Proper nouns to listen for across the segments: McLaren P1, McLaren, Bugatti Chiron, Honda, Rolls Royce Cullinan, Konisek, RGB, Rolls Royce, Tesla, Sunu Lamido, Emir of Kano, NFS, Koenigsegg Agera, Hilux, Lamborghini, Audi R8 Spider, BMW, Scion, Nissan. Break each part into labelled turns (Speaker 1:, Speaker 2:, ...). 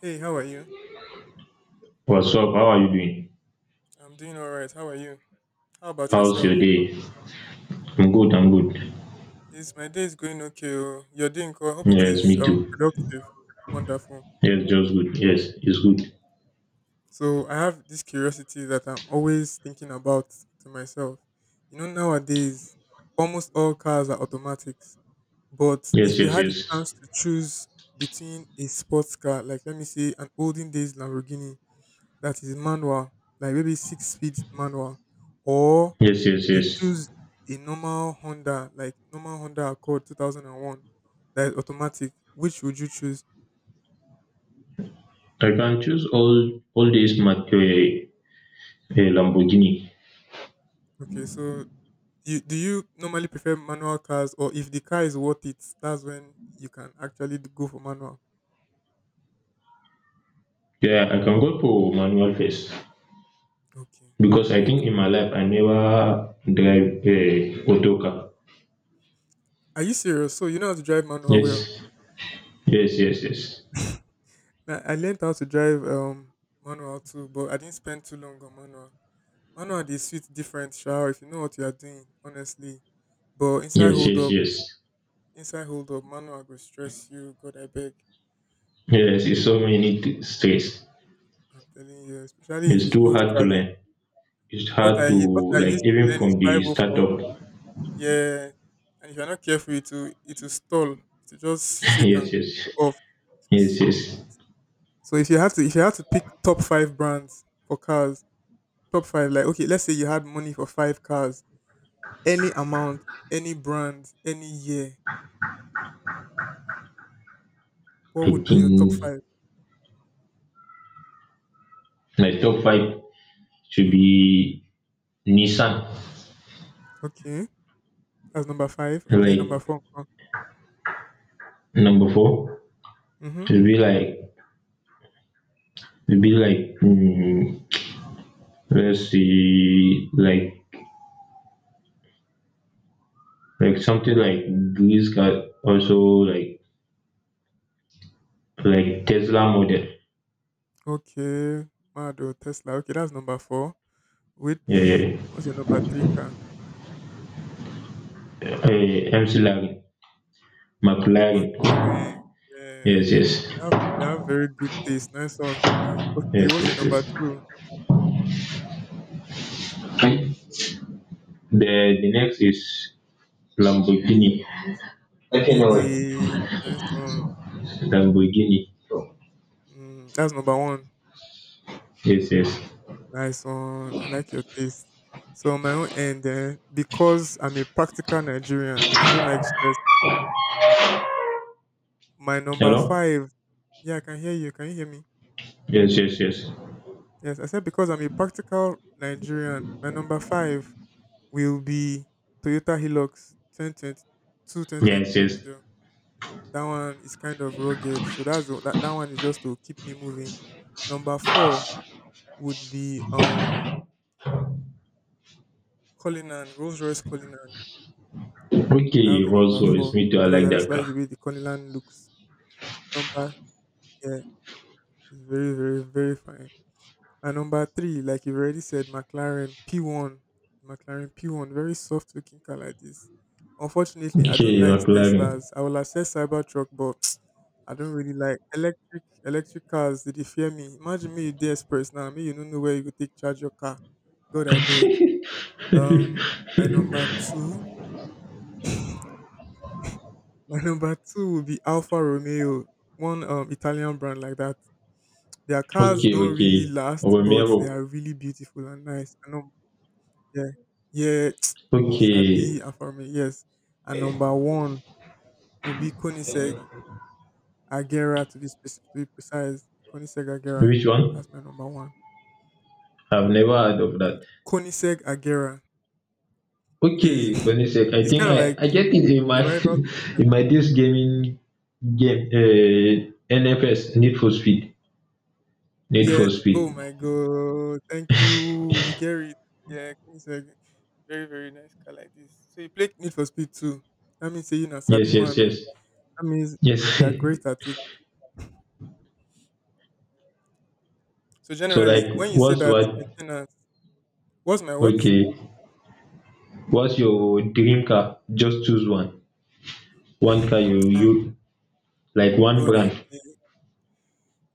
Speaker 1: Hey, how are you?
Speaker 2: What's up? How are you doing?
Speaker 1: I'm doing all right. How are you? How about
Speaker 2: How's your
Speaker 1: yourself?
Speaker 2: day? I'm good.
Speaker 1: Is my day is going okay? Oh? Your day, Nko? I hope it
Speaker 2: Yes,
Speaker 1: is
Speaker 2: me too.
Speaker 1: productive. Wonderful.
Speaker 2: Yes, just good. Yes, it's good.
Speaker 1: So I have this curiosity that I'm always thinking about to myself. You know, nowadays almost all cars are automatics. But
Speaker 2: Yes,
Speaker 1: if you
Speaker 2: yes,
Speaker 1: had a
Speaker 2: yes.
Speaker 1: chance to choose between a sports car, like let me say an olden days Lamborghini, that is manual, like maybe six speed manual, or
Speaker 2: Yes, yes,
Speaker 1: you
Speaker 2: yes.
Speaker 1: choose a normal Honda, like normal Honda Accord 2001 that is automatic. Which would you choose?
Speaker 2: I can choose all these mark Lamborghini.
Speaker 1: Okay, so you do you normally prefer manual cars, or if the car is worth it, that's when you can actually go for manual.
Speaker 2: Yeah, I can go for manual first
Speaker 1: Okay, all
Speaker 2: because I
Speaker 1: right.
Speaker 2: think in my life I never drive a auto car.
Speaker 1: Are you serious? So you know how to drive manual well?
Speaker 2: Yes, yes, yes, yes,
Speaker 1: I learned how to drive manual too, but I didn't spend too long on manual. Manual they sweet different, sure, if you know what you are doing, honestly. But
Speaker 2: yes, yes, yes.
Speaker 1: inside hold up, manual go stress you. God, I beg.
Speaker 2: Yes, it's so many stress.
Speaker 1: I'm telling you, especially if
Speaker 2: It's
Speaker 1: it's
Speaker 2: too
Speaker 1: old
Speaker 2: hard to
Speaker 1: card.
Speaker 2: learn. It's
Speaker 1: What
Speaker 2: hard
Speaker 1: I
Speaker 2: to
Speaker 1: u- what I
Speaker 2: like
Speaker 1: used to
Speaker 2: even
Speaker 1: learn is
Speaker 2: from the
Speaker 1: 504.
Speaker 2: startup.
Speaker 1: Yeah, and if you're not careful, it will stall. It will just shake
Speaker 2: Yes,
Speaker 1: and go
Speaker 2: yes,
Speaker 1: off.
Speaker 2: yes, yes.
Speaker 1: So if you had to pick top five brands for cars, top five, like okay, let's say you had money for five cars, any amount, any brand, any year,
Speaker 2: I
Speaker 1: what would be your top
Speaker 2: think
Speaker 1: five.
Speaker 2: my top five should
Speaker 1: Mm-hmm.
Speaker 2: be Nissan.
Speaker 1: Okay. That's number five. Okay, number
Speaker 2: Like
Speaker 1: four.
Speaker 2: number four
Speaker 1: Mm-hmm.
Speaker 2: should be like should be like mm, let's see like something like this car also like like Tesla model.
Speaker 1: Okay, Mado Tesla. Okay, that's number four.
Speaker 2: Yeah,
Speaker 1: Which
Speaker 2: yeah.
Speaker 1: was the number three car?
Speaker 2: Uh, McLaren, McLaren.
Speaker 1: McLaren. Yeah,
Speaker 2: Yes,
Speaker 1: ah, they
Speaker 2: yes,
Speaker 1: have, they have very good taste. Nice one. Okay,
Speaker 2: yes,
Speaker 1: what's your
Speaker 2: yes,
Speaker 1: number
Speaker 2: yes.
Speaker 1: two?
Speaker 2: The next is Lamborghini. Okay,
Speaker 1: Eh,
Speaker 2: no way.
Speaker 1: eh, nice one.
Speaker 2: Lamborghini. So,
Speaker 1: Mm, that's number one.
Speaker 2: yes, yes.
Speaker 1: Nice one. I like your taste. So on my own end, eh, because I'm a practical Nigerian and I don't like stress, my number
Speaker 2: Hello?
Speaker 1: five. Yeah, I can hear you. Can you hear me?
Speaker 2: Yes, yes, yes.
Speaker 1: Yes, I said because I'm a practical Nigerian. My number five will be Toyota Hilux
Speaker 2: Yes,
Speaker 1: 2022
Speaker 2: yes.
Speaker 1: model. That one is kind of rugged, so that's the, that that one is just to keep me moving. Number four would be Cullinan Rolls Royce Cullinan. That
Speaker 2: Okay,
Speaker 1: would be
Speaker 2: Rolls
Speaker 1: number
Speaker 2: Royce.
Speaker 1: four
Speaker 2: Me too, I
Speaker 1: because
Speaker 2: like
Speaker 1: I just
Speaker 2: that
Speaker 1: like the
Speaker 2: car.
Speaker 1: way the Cullinan looks. Number Yeah, it's very very very fine. And number three, like you've already said, McLaren P1. McLaren P1, very soft looking car like this. Unfortunately, I don't
Speaker 2: Okay,
Speaker 1: like
Speaker 2: McLaren.
Speaker 1: Teslas. I will assess Cybertruck, but I don't really like electric cars. They dey fear me. Imagine me, you dey express now. Me, you don't know where you go take charge your car. God, I beg. My number two, my number two will be Alfa Romeo, one Italian brand like that. Their cars
Speaker 2: Okay,
Speaker 1: don't
Speaker 2: okay.
Speaker 1: really last, but
Speaker 2: Romero.
Speaker 1: they are really beautiful and nice. And yeah, yeah, you
Speaker 2: Okay.
Speaker 1: sabi Afame, yes. And number one will be Koniseg Agera to be specific, to be precise. Koniseg Agera,
Speaker 2: Which one?
Speaker 1: that's my number one.
Speaker 2: I've never heard of that.
Speaker 1: Koniseg Agera
Speaker 2: Okay,
Speaker 1: is
Speaker 2: Konisek. I
Speaker 1: it's
Speaker 2: think
Speaker 1: kind of
Speaker 2: I,
Speaker 1: like
Speaker 2: I get it in my
Speaker 1: your rival to.
Speaker 2: in my this gaming game NFS, Need for Speed. Need
Speaker 1: Yeah.
Speaker 2: for
Speaker 1: Oh
Speaker 2: Speed.
Speaker 1: my God. Thank you. You get it. Yeah. Koenigsegg, very very nice car like this. So you play Need for Speed too. That means say you na sabi
Speaker 2: Yes, yes,
Speaker 1: man. Oh.
Speaker 2: yes.
Speaker 1: That means
Speaker 2: Yes.
Speaker 1: you are great at it. So
Speaker 2: So like
Speaker 1: generally, when you say
Speaker 2: what's
Speaker 1: that
Speaker 2: what
Speaker 1: maintenance. What's my what?
Speaker 2: okay, what's your dream car? Just choose one. One car you
Speaker 1: Ah,
Speaker 2: you like one
Speaker 1: God, I
Speaker 2: brand.
Speaker 1: beg.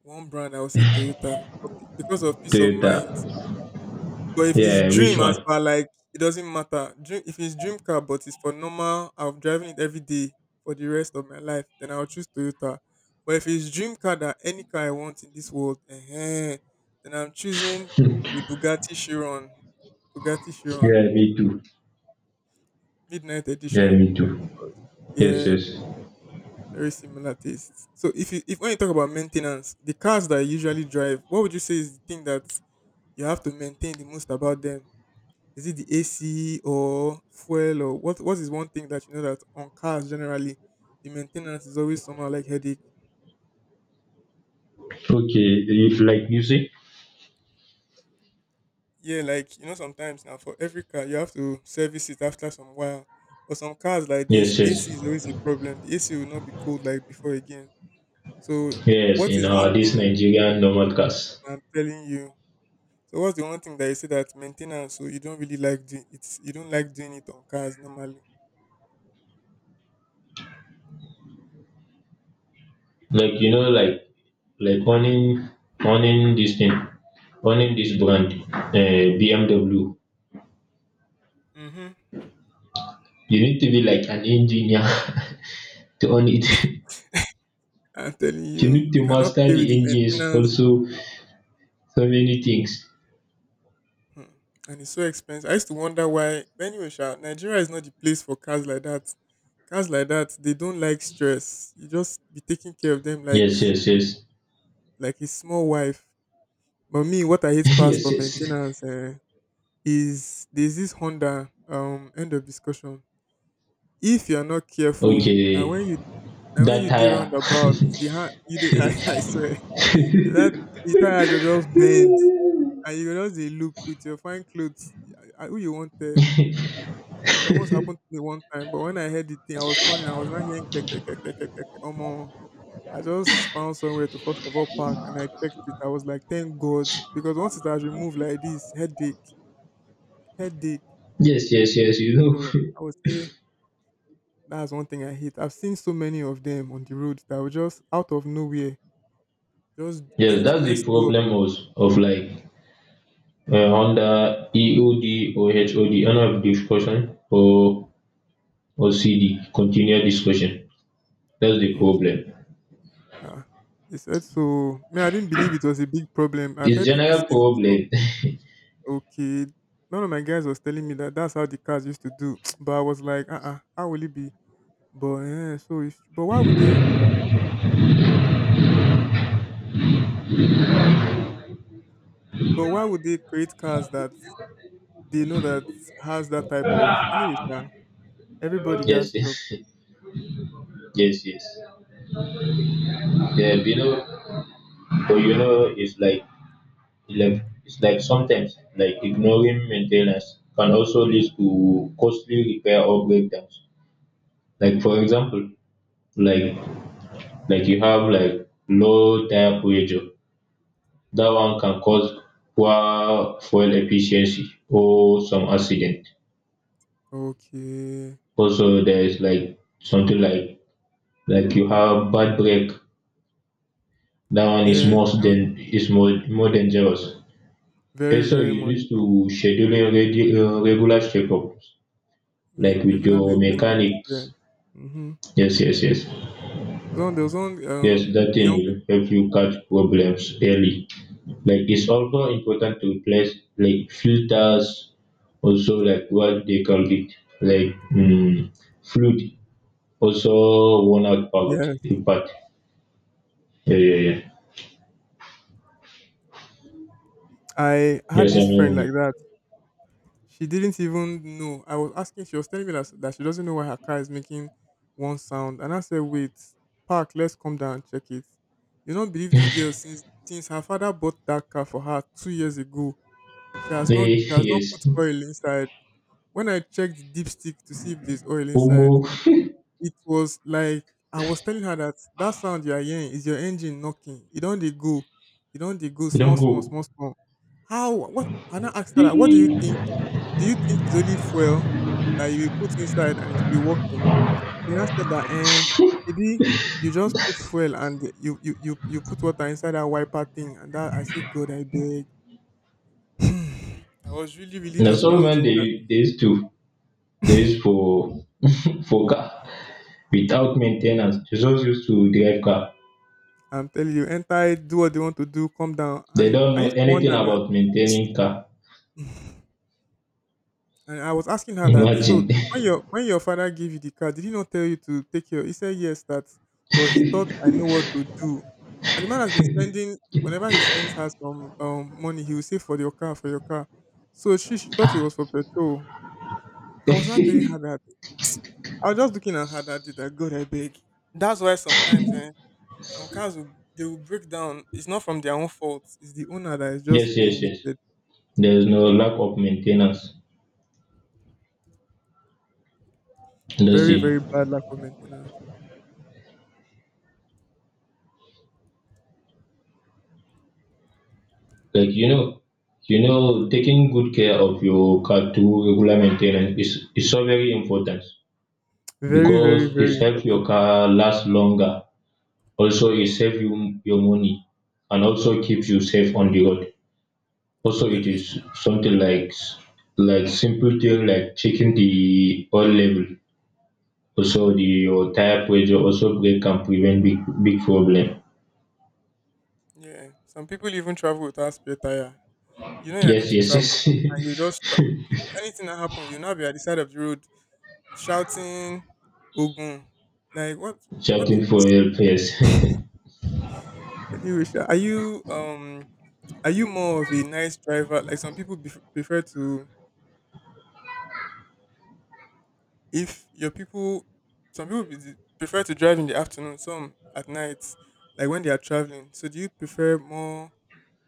Speaker 1: One brand, I would say Toyota for because of peace of
Speaker 2: Toyota.
Speaker 1: mind. But if it's
Speaker 2: Yeah, which
Speaker 1: dream, as
Speaker 2: one?
Speaker 1: far like, it doesn't matter. Dream, if it's dream car, but it's for normal, I'm driving it every day for the rest of my life, then I'll choose Toyota. But if it's dream car that any car I want in this world, eh, then I'm choosing the Bugatti Chiron, Bugatti Chiron
Speaker 2: Yeah, me too.
Speaker 1: Midnight
Speaker 2: Yeah,
Speaker 1: Edition.
Speaker 2: me too. Yes,
Speaker 1: Yeah,
Speaker 2: yes.
Speaker 1: very similar tastes. So if you if when you talk about maintenance, the cars that I usually drive, what would you say is the thing that you have to maintain the most about them? Is it the AC or fuel or what is one thing that you know that on cars generally the maintenance is always somehow like headache?
Speaker 2: Okay, if like you see?
Speaker 1: Yeah, like you know sometimes now for every car you have to service it after some while. For some cars like this,
Speaker 2: Yes, yes.
Speaker 1: AC is always a problem. The AC will not be cold like before again. So
Speaker 2: Yes,
Speaker 1: what
Speaker 2: in
Speaker 1: is one
Speaker 2: our this
Speaker 1: thing
Speaker 2: Nigerian normal cars.
Speaker 1: I'm telling you. So what's the one thing that you say that maintenance? So you don't really like doing it's you don't like doing it on cars normally.
Speaker 2: Like you know, like owning owning this thing, owning this brand, BMW.
Speaker 1: Hmm.
Speaker 2: You need to be like an engineer to own it.
Speaker 1: I'm telling you,
Speaker 2: You need to
Speaker 1: you cannot
Speaker 2: master
Speaker 1: play
Speaker 2: the
Speaker 1: with the
Speaker 2: engines
Speaker 1: maintenance,
Speaker 2: also so many things
Speaker 1: hmm. And it's so expensive. I used to wonder why. But anyway, sha, Nigeria is not the place for cars like that. Cars like that, they don't like stress. You just be taking care of them
Speaker 2: yes, yes, yes.
Speaker 1: like a small wife. But me, what I hate past
Speaker 2: Yes,
Speaker 1: for
Speaker 2: yes.
Speaker 1: maintenance eh, is there's this Honda end of discussion. If you are not careful, now
Speaker 2: Okay,
Speaker 1: when you Now when
Speaker 2: that
Speaker 1: you dey
Speaker 2: tire.
Speaker 1: roundabout, the hand you dey I swear. If that the tire go just bend and you go just dey look with your fine clothes. I, who you want there? It almost happened to me one time, but when I heard the thing, I was turning, I was not hearing kek, kek, kek, kek, kek, kek, kek. Omo, I just found somewhere to first of all park and I checked it. I was like, thank God. Because once it has removed like this, headache, headache.
Speaker 2: Yes, yes, yes, you know.
Speaker 1: So I would say that's one thing I hate. I've seen so many of them on the road that were just out of nowhere. Just
Speaker 2: Yes,
Speaker 1: and it
Speaker 2: that's the
Speaker 1: messed you up.
Speaker 2: problem of like Honda EOD or HOD, end of discussion, or CD, continued discussion. That's the problem.
Speaker 1: Okay. Ah, they said so. Me, I didn't believe it was a big problem. I've
Speaker 2: It's
Speaker 1: heard people
Speaker 2: general
Speaker 1: say it before.
Speaker 2: problem.
Speaker 1: Okay. None of my guys was telling me that that's how the cars used to do. But I was like, uh-uh, how will it be? But eh, so if, but why would they create cars that they know that has that type of anyway, sha, everybody
Speaker 2: Yes,
Speaker 1: gets job.
Speaker 2: yes, yes, yes. Yeah, you know. But you know, it's like it's like, it's like sometimes, like ignoring maintenance can also lead to costly repair or breakdowns. Like for example, like like you have like low tire pressure. That one can cause poor fuel efficiency or some accident.
Speaker 1: Okay.
Speaker 2: Also, there is like something like you have bad brake. That one is
Speaker 1: Yes,
Speaker 2: more
Speaker 1: you don't
Speaker 2: than is more more dangerous.
Speaker 1: very,
Speaker 2: Also,
Speaker 1: very
Speaker 2: you
Speaker 1: much
Speaker 2: need to
Speaker 1: so.
Speaker 2: regular checkup like with
Speaker 1: Regular
Speaker 2: your
Speaker 1: maintenance, yeah.
Speaker 2: mechanics.
Speaker 1: Mm-hmm.
Speaker 2: Yes, yes, yes.
Speaker 1: There was one
Speaker 2: Yes, that thing
Speaker 1: young.
Speaker 2: will help you catch problems early. Like it's also important to replace like filters, also like what they call it, like fluid, also worn out
Speaker 1: Yeah.
Speaker 2: part. Yeah, yeah, yeah.
Speaker 1: I had
Speaker 2: Yes, I'm
Speaker 1: this friend
Speaker 2: hearing
Speaker 1: like
Speaker 2: you.
Speaker 1: that. She didn't even know. I was asking, she was telling me that, that she doesn't know why her car is making one sound. And I said, wait, park, let's come down and check it. You don't believe this girl since her father bought that car for her 2 years ago. She has not
Speaker 2: Eh,
Speaker 1: she has not put
Speaker 2: yes.
Speaker 1: oil inside. When I checked the dipstick to see if there's oil
Speaker 2: Omo,
Speaker 1: inside, it was like I was telling her that that sound you are hearing is your engine knocking. You don't dey go. You don't dey go small,
Speaker 2: don't
Speaker 1: small,
Speaker 2: go.
Speaker 1: small, small. How what I now asked her that, what do you think? Do you think it's only fuel that you will put inside and it will be working? She now said that eh, maybe you just put fuel and you put water inside that wiper thing and that I say God I beg. I was really, really
Speaker 2: Na
Speaker 1: just
Speaker 2: so man
Speaker 1: wondering
Speaker 2: they
Speaker 1: that
Speaker 2: they used to they used for for car without maintenance. They just used to drive car.
Speaker 1: I'm telling you, enter it, do what they want to do, come down.
Speaker 2: They
Speaker 1: And
Speaker 2: don't
Speaker 1: I
Speaker 2: know
Speaker 1: used to
Speaker 2: anything
Speaker 1: wonder that.
Speaker 2: about maintaining car.
Speaker 1: And I was asking her that.
Speaker 2: Imagine.
Speaker 1: So when your father gave you the car, did he not tell you to take your? He said yes, that. But he thought I know what to do. And the man has been spending whenever he sends her some money, he will say for your car, for your car. So she thought it was for petrol. I was not telling her that. I was just looking at her that did that. God, I beg. That's why sometimes eh, some cars will they will break down. It's not from their own fault. It's the owner that is
Speaker 2: Yes,
Speaker 1: just being
Speaker 2: yes, yes.
Speaker 1: wicked.
Speaker 2: There's no lack of maintenance
Speaker 1: Very
Speaker 2: industry.
Speaker 1: very bad lack of maintenance.
Speaker 2: Like you know, taking good care of your car through regular maintenance is so very important
Speaker 1: Very very
Speaker 2: because it
Speaker 1: very
Speaker 2: helps your
Speaker 1: important.
Speaker 2: car last longer. Also, it saves you your money and also keeps you safe on the road.
Speaker 1: I'm
Speaker 2: Also, it
Speaker 1: telling you.
Speaker 2: is something like like simple thing like checking the oil level. Also, the, your tire pressure also break can prevent big big problem.
Speaker 1: Yeah. Some people even travel without spare tire. You know you're going
Speaker 2: Yes,
Speaker 1: to
Speaker 2: yes,
Speaker 1: travel and you
Speaker 2: yes.
Speaker 1: just anything that happen, you'll now be at the side of the road shouting Ogun. Like what the-
Speaker 2: Shouting for help, yes.
Speaker 1: really Risha. Are you more of a nice driver? Like some people prefer to if your people some people prefer to drive in the afternoon, some at night, like when they are traveling. So do you prefer more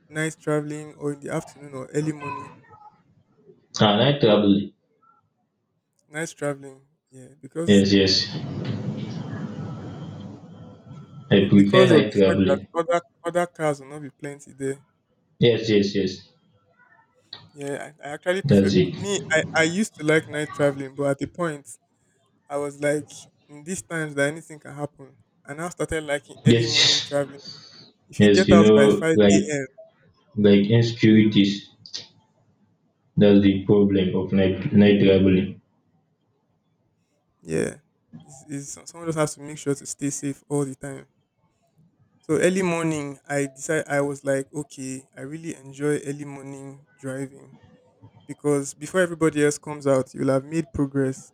Speaker 1: nice traveling or in the afternoon or early morning?
Speaker 2: Ah, night traveling.
Speaker 1: Nice traveling. Yeah, because
Speaker 2: Yes, yes. I
Speaker 1: But
Speaker 2: prefer
Speaker 1: because of
Speaker 2: night
Speaker 1: the fact that
Speaker 2: traveling.
Speaker 1: other cars will not be plenty there.
Speaker 2: Yes, yes, yes.
Speaker 1: Yeah, I actually
Speaker 2: That's
Speaker 1: prefer
Speaker 2: it.
Speaker 1: me. I used to like night traveling, but at the point I was like, in these times that anything can happen, and I started liking early morning
Speaker 2: Yes,
Speaker 1: traveling. If you
Speaker 2: yes.
Speaker 1: get
Speaker 2: You
Speaker 1: out by
Speaker 2: know,
Speaker 1: five a.m.,
Speaker 2: like insecurities. That's the problem of night night traveling.
Speaker 1: yeah, is someone just has to make sure to stay safe all the time. So early morning, I decide I was like, okay, I really enjoy early morning driving because before everybody else comes out, you'll have made progress.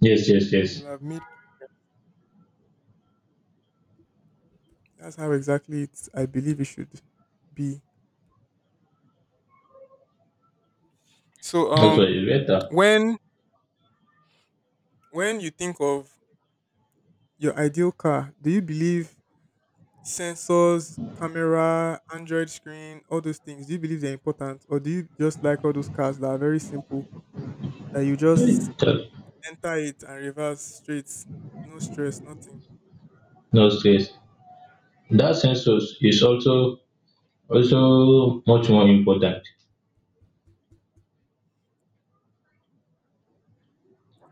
Speaker 2: Yes, yes, yes.
Speaker 1: You'll have made. That's how exactly it's, I believe it should be. So,
Speaker 2: That's why it's better.
Speaker 1: when when you think of your ideal car, do you believe sensors, camera, Android screen, all those things? Do you believe they're important, or do you just like all those cars that are very simple that you just
Speaker 2: That-
Speaker 1: enter it and reverse straight, no stress, nothing?
Speaker 2: No stress. That census is also also much more important.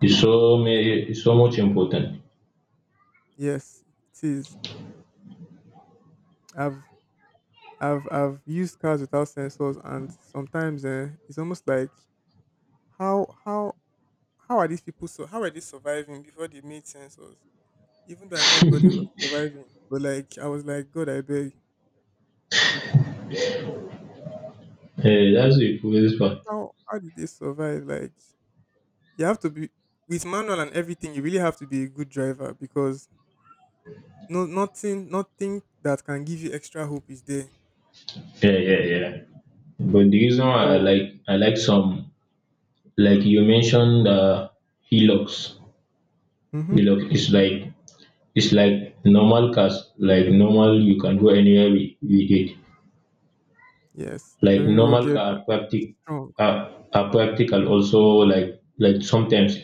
Speaker 2: It's so many, it's so much important.
Speaker 1: Yes, it is. I've I've used cars without sensors, and sometimes it's almost like how how how are these people so how are they surviving before they made sensors? Even though I know everybody was surviving. But like I was like, God, I beg.
Speaker 2: Yeah, that's the police part.
Speaker 1: How did they survive? Like you have to be with manual and everything, you really have to be a good driver because nothing that can give you extra hope is there.
Speaker 2: Yeah, yeah, yeah. But the reason why
Speaker 1: Oh.
Speaker 2: I like some like you mentioned Hilux.
Speaker 1: Mm-hmm.
Speaker 2: Hilux is like it's like normal cars. Like normal you can go anywhere with it.
Speaker 1: Yes.
Speaker 2: Like
Speaker 1: Very
Speaker 2: normal
Speaker 1: rugged
Speaker 2: car
Speaker 1: and
Speaker 2: are practic
Speaker 1: strong.
Speaker 2: are practical also like sometimes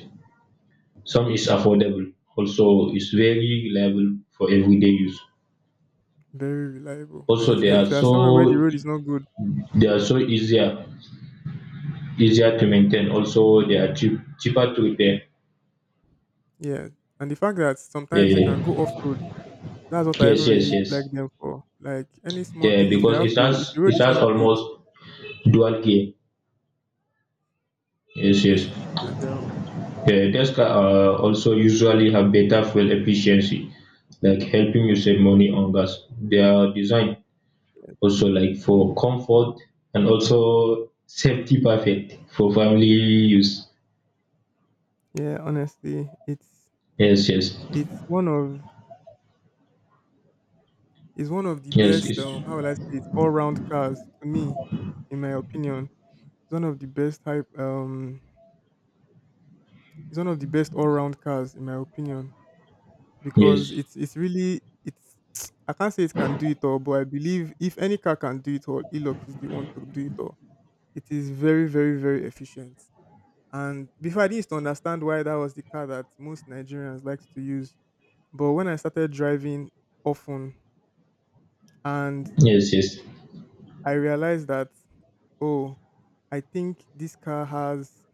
Speaker 2: some is affordable. Also it's very reliable for everyday use.
Speaker 1: Very reliable. And
Speaker 2: Also
Speaker 1: if
Speaker 2: they
Speaker 1: you
Speaker 2: are
Speaker 1: if you are somewhere where the
Speaker 2: so
Speaker 1: road is not good,
Speaker 2: they are so easier easier to maintain. Also, they are cheap, cheaper to repair.
Speaker 1: yeah. And the fact that sometimes they can
Speaker 2: Eh,
Speaker 1: go off road. That's what I even
Speaker 2: yes, yes,
Speaker 1: really
Speaker 2: yes.
Speaker 1: like them for. Like any small
Speaker 2: Eh,
Speaker 1: thing, if you
Speaker 2: because
Speaker 1: have to, if the road
Speaker 2: it
Speaker 1: is
Speaker 2: has
Speaker 1: not good,
Speaker 2: almost dual gear. Yes, yes.
Speaker 1: yeah, and
Speaker 2: Eh, these car are also usually have better fuel efficiency, like helping you save money on gas. They are designed
Speaker 1: yeah,
Speaker 2: also like for comfort and also safety perfect for family use.
Speaker 1: yeah, honestly, it's
Speaker 2: Yes, yes,
Speaker 1: it's one of it's one of the
Speaker 2: yes,
Speaker 1: best
Speaker 2: yes,
Speaker 1: how will I say it, all round cars to me, in my opinion. It's one of the best hype it's one of the best all round cars in my opinion because
Speaker 2: yes,
Speaker 1: it's really it's I can't say it can do it all, but I believe if any car can do it all, Elux is the one to do it all. It is very very very efficient. And before I used to understand why that was the car that most Nigerians liked to use. But when I started driving often and
Speaker 2: yes, yes.
Speaker 1: I realized that, oh, I think this car has,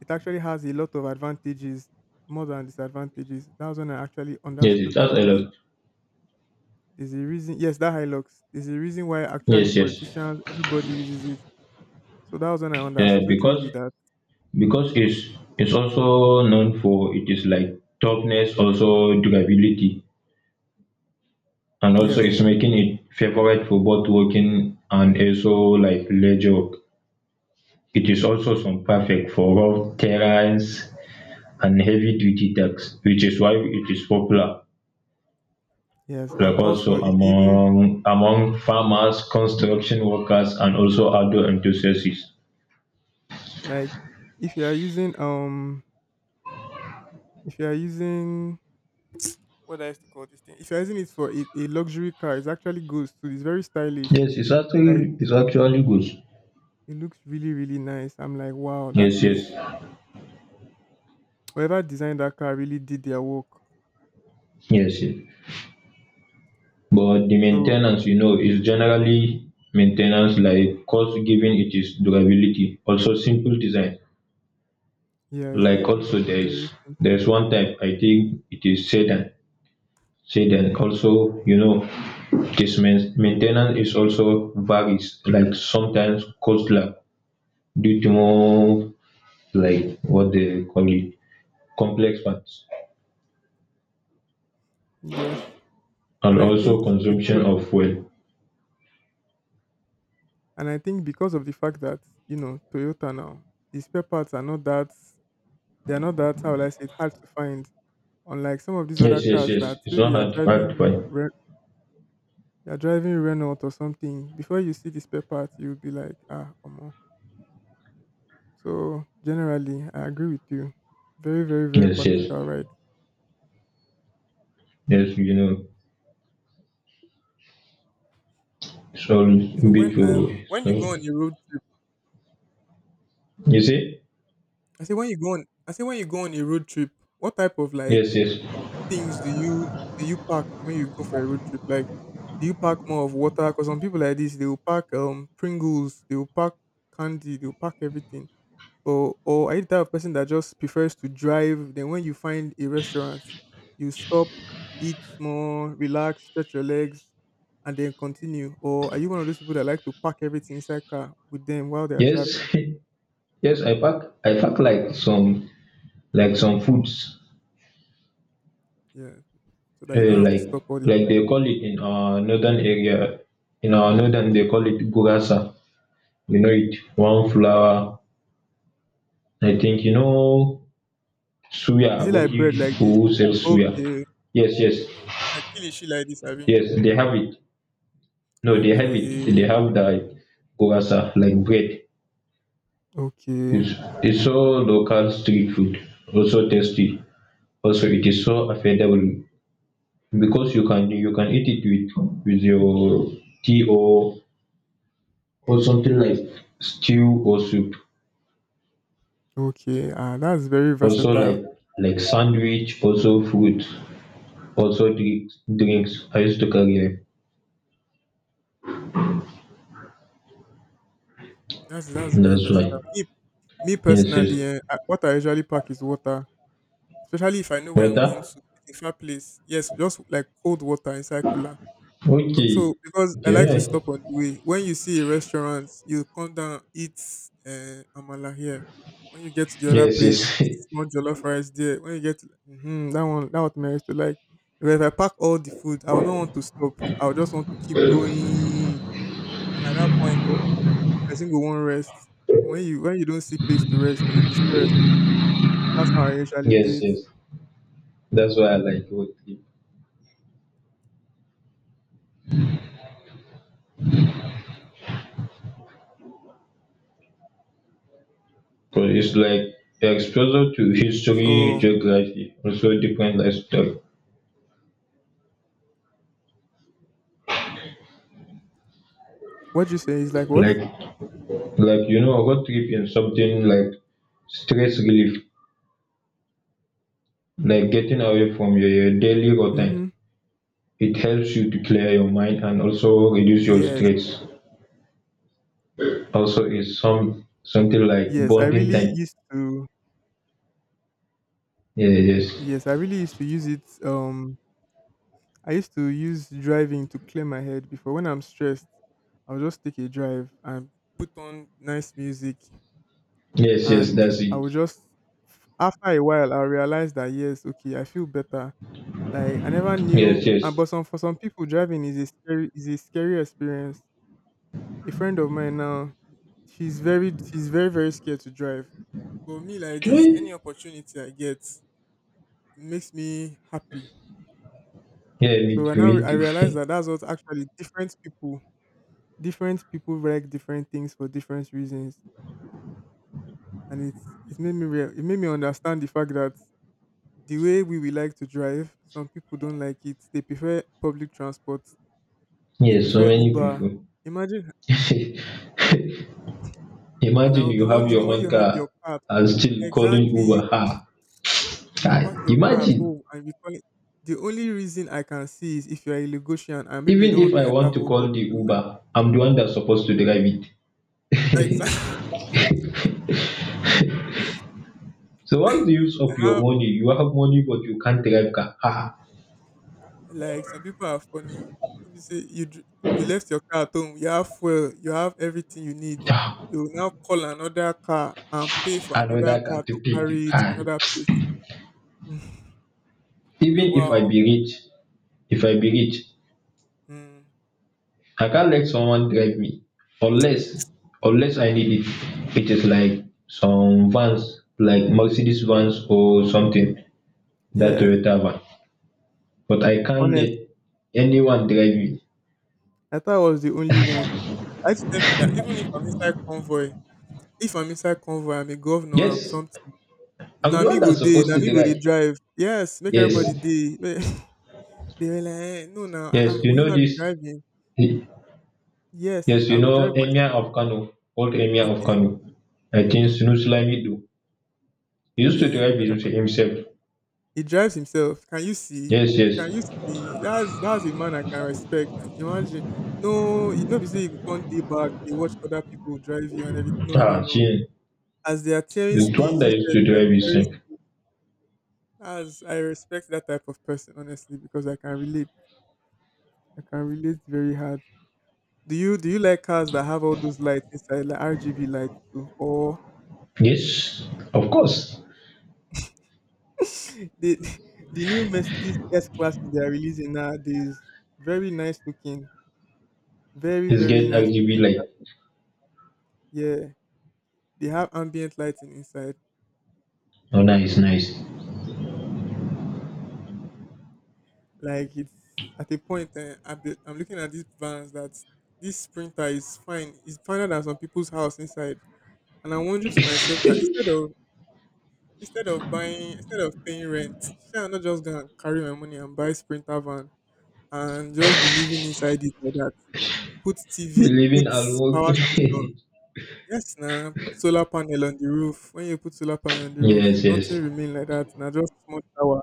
Speaker 1: it actually has a lot of advantages more than disadvantages. That was when I actually
Speaker 2: Yes, it
Speaker 1: understood that,
Speaker 2: has a
Speaker 1: okay,
Speaker 2: lot.
Speaker 1: there's a reason, yes, that Hilux, there's a reason why actually
Speaker 2: Yes, yes.
Speaker 1: politicians, everybody uses it. So that was when I
Speaker 2: Eh,
Speaker 1: understood
Speaker 2: because
Speaker 1: really that
Speaker 2: because it's also known for its like toughness, also durability, and also it's
Speaker 1: yes,
Speaker 2: making it favorite for both walking and also like leisure. Work. It is also some perfect for rough terrains and heavy duty tasks, which is why it is popular.
Speaker 1: yes, and
Speaker 2: Like
Speaker 1: also
Speaker 2: also
Speaker 1: if you even
Speaker 2: among among farmers, construction workers, and also outdoor enthusiasts.
Speaker 1: like if you are using if you are using what do I used to call this thing, if you're using it for a luxury car, it's actually good too. It's very stylish.
Speaker 2: Yes,
Speaker 1: Like
Speaker 2: it's actually good.
Speaker 1: it looks really, really nice. I'm like, wow, that
Speaker 2: Yes,
Speaker 1: is
Speaker 2: yes,
Speaker 1: whoever designed that car really did their work.
Speaker 2: yes, yes. But the
Speaker 1: So
Speaker 2: maintenance, you know, is generally maintenance like cost given its durability also simple design.
Speaker 1: yes,
Speaker 2: Like also
Speaker 1: very simple.
Speaker 2: there's one type, I think it is sedan, also um, its main ten ance is also varies, like sometimes costly due to more like what they call it complex parts
Speaker 1: Yes,
Speaker 2: and
Speaker 1: and I think
Speaker 2: also
Speaker 1: because
Speaker 2: consumption
Speaker 1: of,
Speaker 2: of fuel.
Speaker 1: and I think because of the fact that you know Toyota now, the spare parts are not that they are not that, how will I say it, hard to find. Unlike some of these
Speaker 2: Yes,
Speaker 1: other
Speaker 2: yes,
Speaker 1: cars
Speaker 2: yes,
Speaker 1: that
Speaker 2: it's
Speaker 1: maybe
Speaker 2: not
Speaker 1: you are
Speaker 2: hard to
Speaker 1: driving,
Speaker 2: find.
Speaker 1: you're driving Renault or something, before you see the spare part, you'll be like, ah, omo. So generally, I agree with you. Very, very, very
Speaker 2: Yes, yes,
Speaker 1: practical, right?
Speaker 2: yes. You know. Sorry,
Speaker 1: So
Speaker 2: bit too.
Speaker 1: when
Speaker 2: So
Speaker 1: you go on a road trip,
Speaker 2: you see?
Speaker 1: I say when you go on, I say when you go on a road trip, what type of like
Speaker 2: Yes, yes,
Speaker 1: things do you pack when you go for a road trip? Like, do you pack more of water? Because some people like this, they will pack Pringles, they will pack candy, they will pack everything. Or are you the type of person that just prefers to drive? Then when you find a restaurant, you stop, eat more, relax, stretch your legs, and then continue. Or are you one of those people that like to pack everything inside car with them while they are
Speaker 2: yes,
Speaker 1: traveling?
Speaker 2: yes. I pack like some foods.
Speaker 1: Yeah, so that you don't have to stop all the
Speaker 2: Like
Speaker 1: time.
Speaker 2: they call it in our northern area. In our northern, they call it gurasa. You know it. One flour. I think you know suya.
Speaker 1: Is it like
Speaker 2: Aboki
Speaker 1: bread like this?
Speaker 2: who sells suya.
Speaker 1: Okay.
Speaker 2: Yes, yes,
Speaker 1: Mm-hmm. Like kilishi like this, Abby.
Speaker 2: yes. They have it. No, they have it.
Speaker 1: Okay.
Speaker 2: They have the gurasa like bread.
Speaker 1: Okay.
Speaker 2: It's, it's so local street food, also tasty. Also, it is so affordable because you can eat it with your tea or something like stew or soup.
Speaker 1: Okay. Ah, that's very
Speaker 2: Also
Speaker 1: versatile.
Speaker 2: like sandwich, also food, also drinks. Drinks. I used to carry them.
Speaker 1: That's very
Speaker 2: That's
Speaker 1: versatile.
Speaker 2: why.
Speaker 1: Me, me
Speaker 2: Yes, yes.
Speaker 1: personally, eh, I- what I usually pack is water, especially if I know where I'm going
Speaker 2: Water.
Speaker 1: to. If I place, yes, just like cold water inside cooler. Co- So,
Speaker 2: Okay.
Speaker 1: because
Speaker 2: Okay,
Speaker 1: I like to
Speaker 2: yeah.
Speaker 1: stop on the way. When you see a restaurant, you come down, eat amala here. When you get to the other
Speaker 2: Yes,
Speaker 1: place,
Speaker 2: yes,
Speaker 1: eat more jollof rice there. When you get to, hmm that one I used to like. Because if I pack all the food, I will not want to stop. I will just want to keep going. And at that point, person will want rest. When you don't see place to rest, you'll be stressed. That's how I usually do
Speaker 2: yes,
Speaker 1: it.
Speaker 2: yes. That's why I like water. But it's like the exposure to history,
Speaker 1: So
Speaker 2: geography, also different lifestyle.
Speaker 1: what you say is like what?
Speaker 2: Like like you know, a road trip in something like stress relief, like getting away from your daily routine.
Speaker 1: Mm-hmm.
Speaker 2: It helps you to clear your mind and also reduce your
Speaker 1: Yes,
Speaker 2: stress. Also is some something like
Speaker 1: yes. I
Speaker 2: bonding
Speaker 1: really
Speaker 2: time.
Speaker 1: used to.
Speaker 2: Yeah, yes.
Speaker 1: Yes, I really used to use it. I used to use driving to clear my head before when I'm stressed. I'll just take a drive and put on nice music
Speaker 2: Yes, yes,
Speaker 1: and
Speaker 2: that's
Speaker 1: I
Speaker 2: it.
Speaker 1: would just, after a while I realized that yes, okay, I feel better. Like I never knew,
Speaker 2: Yes,
Speaker 1: and
Speaker 2: yes.
Speaker 1: but some for some people driving is a scary, experience. A friend of mine now, she's very very scared to drive. But me like this,
Speaker 2: Okay.
Speaker 1: any opportunity I get makes me happy.
Speaker 2: Yeah, me
Speaker 1: So I
Speaker 2: too,
Speaker 1: now re-
Speaker 2: me
Speaker 1: I
Speaker 2: too.
Speaker 1: realize that that's what actually different people, different people like different things for different reasons, and it made me real it made me understand the fact that the way we will like to drive, some people don't like it. They prefer public transport. They
Speaker 2: Yes, so
Speaker 1: prefer
Speaker 2: many
Speaker 1: Uber.
Speaker 2: people.
Speaker 1: Imagine, and I
Speaker 2: Imagine
Speaker 1: will be
Speaker 2: you have your
Speaker 1: wondering when
Speaker 2: own
Speaker 1: you have your
Speaker 2: car
Speaker 1: car at
Speaker 2: and
Speaker 1: home.
Speaker 2: still calling
Speaker 1: Exactly, you
Speaker 2: Uber. Ah, kai.
Speaker 1: park your car at
Speaker 2: Imagine,
Speaker 1: home and you call it. The only reason I can see is if you are a Lagosian and maybe you
Speaker 2: even
Speaker 1: don't want
Speaker 2: if
Speaker 1: to
Speaker 2: I
Speaker 1: enter
Speaker 2: want to
Speaker 1: hold up.
Speaker 2: call the
Speaker 1: You don't like,
Speaker 2: Uber, I'm the one that's supposed to drive it.
Speaker 1: exactly.
Speaker 2: So what's the use of your
Speaker 1: How
Speaker 2: money? You have money but you can't drive car. Ah,
Speaker 1: like some people are funny. You say you dr- you left your car at home. You have fuel. You have everything you need,
Speaker 2: ah,
Speaker 1: you will now call another car and pay for another
Speaker 2: another car
Speaker 1: car
Speaker 2: to
Speaker 1: to
Speaker 2: take you.
Speaker 1: carry it to
Speaker 2: Ah.
Speaker 1: another place.
Speaker 2: Even if I
Speaker 1: Wow.
Speaker 2: be rich, if I be rich,
Speaker 1: Mm.
Speaker 2: I can't let someone drive me unless unless I need it. It is like some vans, like Mercedes vans or
Speaker 1: Mm.
Speaker 2: something, that
Speaker 1: Yeah,
Speaker 2: Toyota van. But I can't
Speaker 1: honest.
Speaker 2: let anyone drive me.
Speaker 1: I thought I was the only one. I used to tell people that even if I'm inside convoy, if I'm inside convoy, I'm a governor, I'm
Speaker 2: Yes,
Speaker 1: something.
Speaker 2: I'm
Speaker 1: Na
Speaker 2: the
Speaker 1: me
Speaker 2: one
Speaker 1: go
Speaker 2: that's
Speaker 1: dey,
Speaker 2: supposed
Speaker 1: na
Speaker 2: to
Speaker 1: me go dey
Speaker 2: drive.
Speaker 1: drive. Yes, make
Speaker 2: Yes,
Speaker 1: everybody dey. They were like, eh, no, now,
Speaker 2: yes, you
Speaker 1: will you
Speaker 2: know
Speaker 1: not be
Speaker 2: this.
Speaker 1: driving?
Speaker 2: Yes,
Speaker 1: Yes, I
Speaker 2: you
Speaker 1: will
Speaker 2: know
Speaker 1: drive
Speaker 2: Emir
Speaker 1: myself.
Speaker 2: of Kano, old Emir of
Speaker 1: Okay.
Speaker 2: Kano. I think
Speaker 1: Mm-hmm.
Speaker 2: Sunu Lamido. He used to
Speaker 1: Yeah,
Speaker 2: drive
Speaker 1: I heard.
Speaker 2: himself.
Speaker 1: He drives himself. Can you see?
Speaker 2: Yes, yes.
Speaker 1: Can you see? That's a man I can respect. Imagine. No, you no be say you go come day back, dey watch other people drive you and everything. No, no,
Speaker 2: Ah,
Speaker 1: no.
Speaker 2: Chin.
Speaker 1: As they are tearing
Speaker 2: He's the one
Speaker 1: speed,
Speaker 2: that
Speaker 1: you
Speaker 2: used
Speaker 1: said
Speaker 2: to
Speaker 1: they are
Speaker 2: drive
Speaker 1: tearing
Speaker 2: himself.
Speaker 1: speed. As I respect that type of person, honestly, because I can relate. I can relate very hard. Do you like cars that have all those lights inside, like RGB lights too? Or
Speaker 2: Yes, of course.
Speaker 1: the the new Mercedes S classes they are releasing nowadays, very nice looking. Very,
Speaker 2: His
Speaker 1: very
Speaker 2: get
Speaker 1: nice
Speaker 2: RGB
Speaker 1: looking.
Speaker 2: light.
Speaker 1: Yeah, they have ambient lighting inside.
Speaker 2: Oh, nice, nice.
Speaker 1: Like it's at a point eh, I'm, be- I'm looking at these vans that this printer is fine. It's finer than some people's house inside. And I'm wondering to myself that instead of buying instead of paying rent, shall I not just gonna carry my money and buy this printer van and just be living inside it like that. Put TV,
Speaker 2: Believing
Speaker 1: put
Speaker 2: and
Speaker 1: power station.
Speaker 2: working.
Speaker 1: Yes, now put solar panel on the roof. When you put solar panel on the roof,
Speaker 2: Yes, yes.
Speaker 1: nothing remain like that. Now just small shower.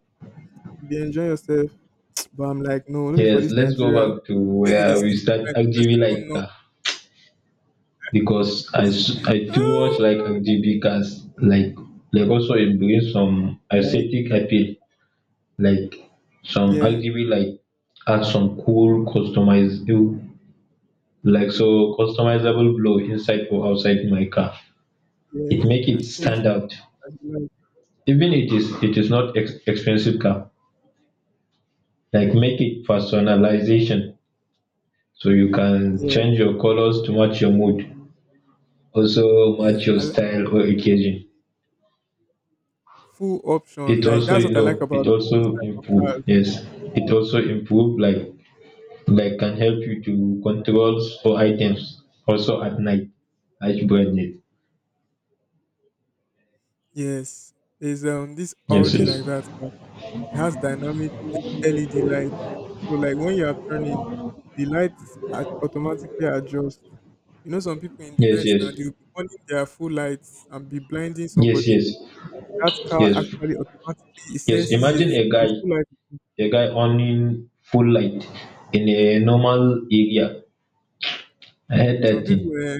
Speaker 1: You dey enjoy yourself. But I'm like, no, not for
Speaker 2: Yes,
Speaker 1: this
Speaker 2: let's go
Speaker 1: Nigeria.
Speaker 2: back to
Speaker 1: Make it dey
Speaker 2: where we
Speaker 1: sleep
Speaker 2: start
Speaker 1: for night, make person
Speaker 2: RGB
Speaker 1: come
Speaker 2: light
Speaker 1: knock.
Speaker 2: car because I too much like
Speaker 1: Ah!
Speaker 2: RGB cars. Like also it brings some
Speaker 1: Like,
Speaker 2: aesthetic appeal. Like some
Speaker 1: yeah,
Speaker 2: RGB light add some cool customizable like so customizable glow inside or outside my car. It
Speaker 1: yes,
Speaker 2: make
Speaker 1: you
Speaker 2: it
Speaker 1: can change
Speaker 2: stand
Speaker 1: it
Speaker 2: out.
Speaker 1: as you like.
Speaker 2: Even it is not expensive car. Like make it personalization so you can
Speaker 1: Yeah,
Speaker 2: change your colors to match your mood also
Speaker 1: yeah.
Speaker 2: match your
Speaker 1: I like
Speaker 2: style or occasion.
Speaker 1: full option.
Speaker 2: It
Speaker 1: Like
Speaker 2: also,
Speaker 1: that's
Speaker 2: you
Speaker 1: what I like
Speaker 2: know,
Speaker 1: about
Speaker 2: it
Speaker 1: this
Speaker 2: also
Speaker 1: type of
Speaker 2: improve.
Speaker 1: cars.
Speaker 2: Yes, it also improve like can help you to controls or items also at night as branded.
Speaker 1: Yes. There's this
Speaker 2: Yes,
Speaker 1: Audi
Speaker 2: yes,
Speaker 1: like that. It has dynamic LED lights. So like when you are turning, the lights are automatically adjust. You know some people in the
Speaker 2: yes,
Speaker 1: night now
Speaker 2: yes,
Speaker 1: they'll be on their full lights and be blinding
Speaker 2: yes,
Speaker 1: somebody.
Speaker 2: yes,
Speaker 1: That car
Speaker 2: yes,
Speaker 1: actually automatically it
Speaker 2: yes.
Speaker 1: senses it.
Speaker 2: Imagine
Speaker 1: They'll feel like
Speaker 2: a guy owning full light in a normal area. I had
Speaker 1: some
Speaker 2: that
Speaker 1: people,
Speaker 2: thing.
Speaker 1: eh,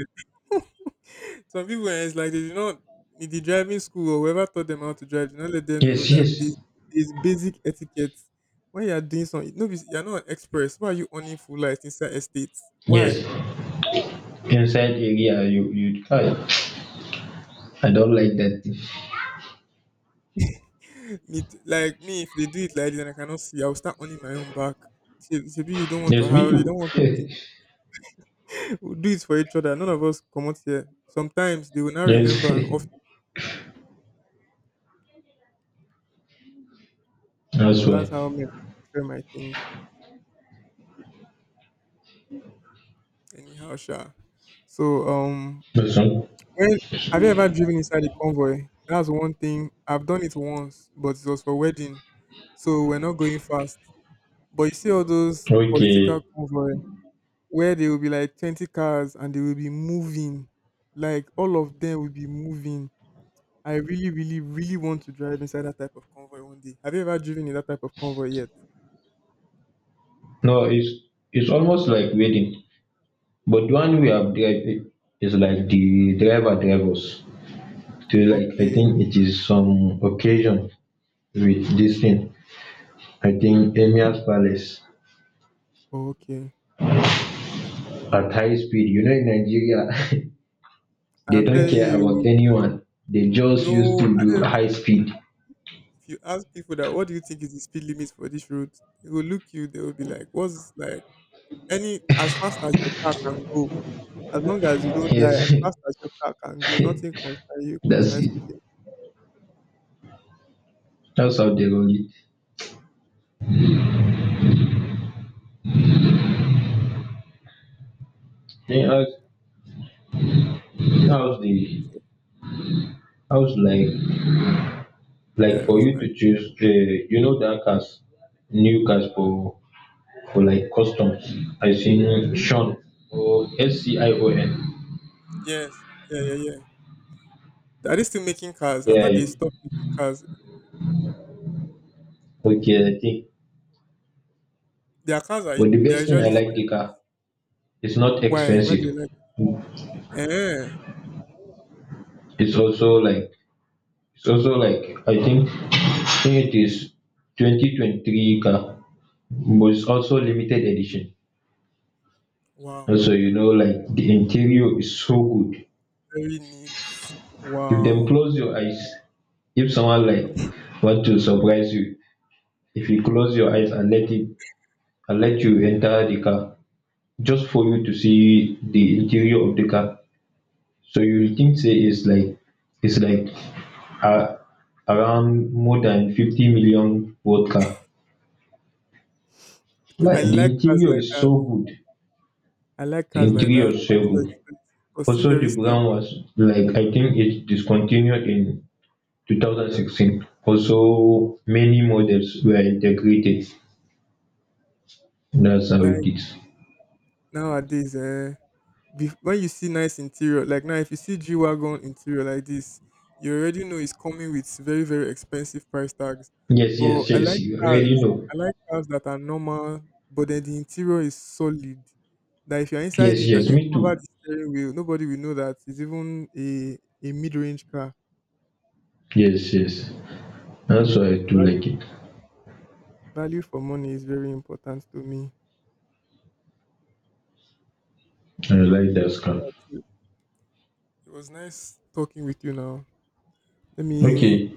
Speaker 1: some people, eh, it's like they do not, in the driving school or whoever taught them how to drive, do not let them know
Speaker 2: Yes, yes,
Speaker 1: that this is basic etiquette. When you are doing something, no, be- you are not an express. Why are you owning full lights inside estates? Why?
Speaker 2: yes. Inside area, you you. I don't like that thing.
Speaker 1: Me, t- like me, if they do it like this and I cannot see, I will start owning my own back. Maybe you don't want to
Speaker 2: Yes, me
Speaker 1: have, you
Speaker 2: too.
Speaker 1: don't want to think. We'll do it for each other. None of us come out here. Sometimes they will not
Speaker 2: Yes,
Speaker 1: remember. Often.
Speaker 2: that's
Speaker 1: So
Speaker 2: why.
Speaker 1: that's how me I prefer my things. Anyhow sure. So
Speaker 2: That's all.
Speaker 1: when have you ever driven inside a convoy? That's one thing. I've done it once, but it was for wedding. So we're not going fast. But you see all those political
Speaker 2: Okay.
Speaker 1: convoy where they will be like 20 cars and they will be moving. Like all of them will be moving. I really, really, really want to drive inside that type of convoy one day. Have you ever driven in that type of convoy yet?
Speaker 2: No, it's almost like wedding, but the one we have drive is like the driver drivers. So like I
Speaker 1: Okay,
Speaker 2: think it is some occasion with this thing. I think Emir's Palace
Speaker 1: okay.
Speaker 2: at high speed. You know in Nigeria they
Speaker 1: I'm
Speaker 2: don't
Speaker 1: telling
Speaker 2: care about
Speaker 1: you,
Speaker 2: anyone. They just used
Speaker 1: no,
Speaker 2: to
Speaker 1: I
Speaker 2: do
Speaker 1: don't.
Speaker 2: high speed.
Speaker 1: If you ask people that what do you think is the speed limit for this road, they will look you, they will be like, what's like any, as fast as your car can go, as long as you don't die,
Speaker 2: Yes,
Speaker 1: as fast as your car can go, nothing
Speaker 2: that's
Speaker 1: concern you concern
Speaker 2: it.
Speaker 1: speed limit.
Speaker 2: That's how they roll it. Then how's the
Speaker 1: So,
Speaker 2: how's
Speaker 1: yeah,
Speaker 2: like
Speaker 1: it
Speaker 2: for
Speaker 1: was
Speaker 2: you
Speaker 1: nice.
Speaker 2: to choose um, you know that cars, new cars for like customs. I seen
Speaker 1: Hmm.
Speaker 2: Sean or scion.
Speaker 1: Yes. Yeah, yeah, yeah. Are they still making cars? I
Speaker 2: Yeah,
Speaker 1: thought they stopped making cars.
Speaker 2: okay, I think,
Speaker 1: Their cars are
Speaker 2: but the
Speaker 1: they're
Speaker 2: best thing I
Speaker 1: usually
Speaker 2: like
Speaker 1: fine.
Speaker 2: the car, it's not
Speaker 1: Why? Why do
Speaker 2: expensive.
Speaker 1: you like it? Eh.
Speaker 2: It's also like it's also like I think it is 2023 car, but it's also limited edition.
Speaker 1: Wow.
Speaker 2: Also, you know, like the interior is so good.
Speaker 1: Very neat.
Speaker 2: If dem
Speaker 1: Wow.
Speaker 2: close your eyes, if someone like want to surprise you, if you close your eyes and let it and let you enter the car, just for you to see the interior of the car, so you will think say it's like a around more than 50 million worth car. Like
Speaker 1: I
Speaker 2: the
Speaker 1: like cars
Speaker 2: interior
Speaker 1: like
Speaker 2: is
Speaker 1: that.
Speaker 2: so good,
Speaker 1: I like
Speaker 2: the
Speaker 1: cars like
Speaker 2: interior
Speaker 1: that.
Speaker 2: is so
Speaker 1: Not so
Speaker 2: good.
Speaker 1: expensive, but still
Speaker 2: Also
Speaker 1: very
Speaker 2: the brand
Speaker 1: standard.
Speaker 2: was like I think it discontinued in 2016. Also many models were integrated. That's how
Speaker 1: Like
Speaker 2: it is.
Speaker 1: nowadays, eh, bef- when you see nice interior, like now if you see G Wagon interior like this, you already know it's coming with very, very expensive price tags.
Speaker 2: Yes,
Speaker 1: But
Speaker 2: yes,
Speaker 1: I
Speaker 2: yes.
Speaker 1: like
Speaker 2: You already
Speaker 1: cars,
Speaker 2: know.
Speaker 1: I like cars that are normal, but then the interior is solid. That if you're inside
Speaker 2: Yes,
Speaker 1: it and
Speaker 2: yes.
Speaker 1: you
Speaker 2: Me
Speaker 1: cover
Speaker 2: too.
Speaker 1: the steering wheel, nobody will know that it's even a mid range car.
Speaker 2: Yes, yes. That's why I do
Speaker 1: Value
Speaker 2: like it.
Speaker 1: value for money is very important to me.
Speaker 2: I like that scarf.
Speaker 1: Alright, so it was nice talking with you now. Let me,
Speaker 2: Okay,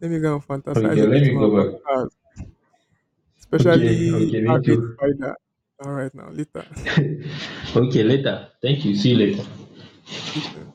Speaker 1: let me go and
Speaker 2: okay,
Speaker 1: fantasize a
Speaker 2: let
Speaker 1: bit
Speaker 2: me
Speaker 1: more
Speaker 2: go
Speaker 1: about
Speaker 2: back.
Speaker 1: cars,
Speaker 2: Okay,
Speaker 1: especially
Speaker 2: okay, me
Speaker 1: R8
Speaker 2: too.
Speaker 1: Spider. All right now, later.
Speaker 2: Okay, later. Thank you. See you later.
Speaker 1: You too.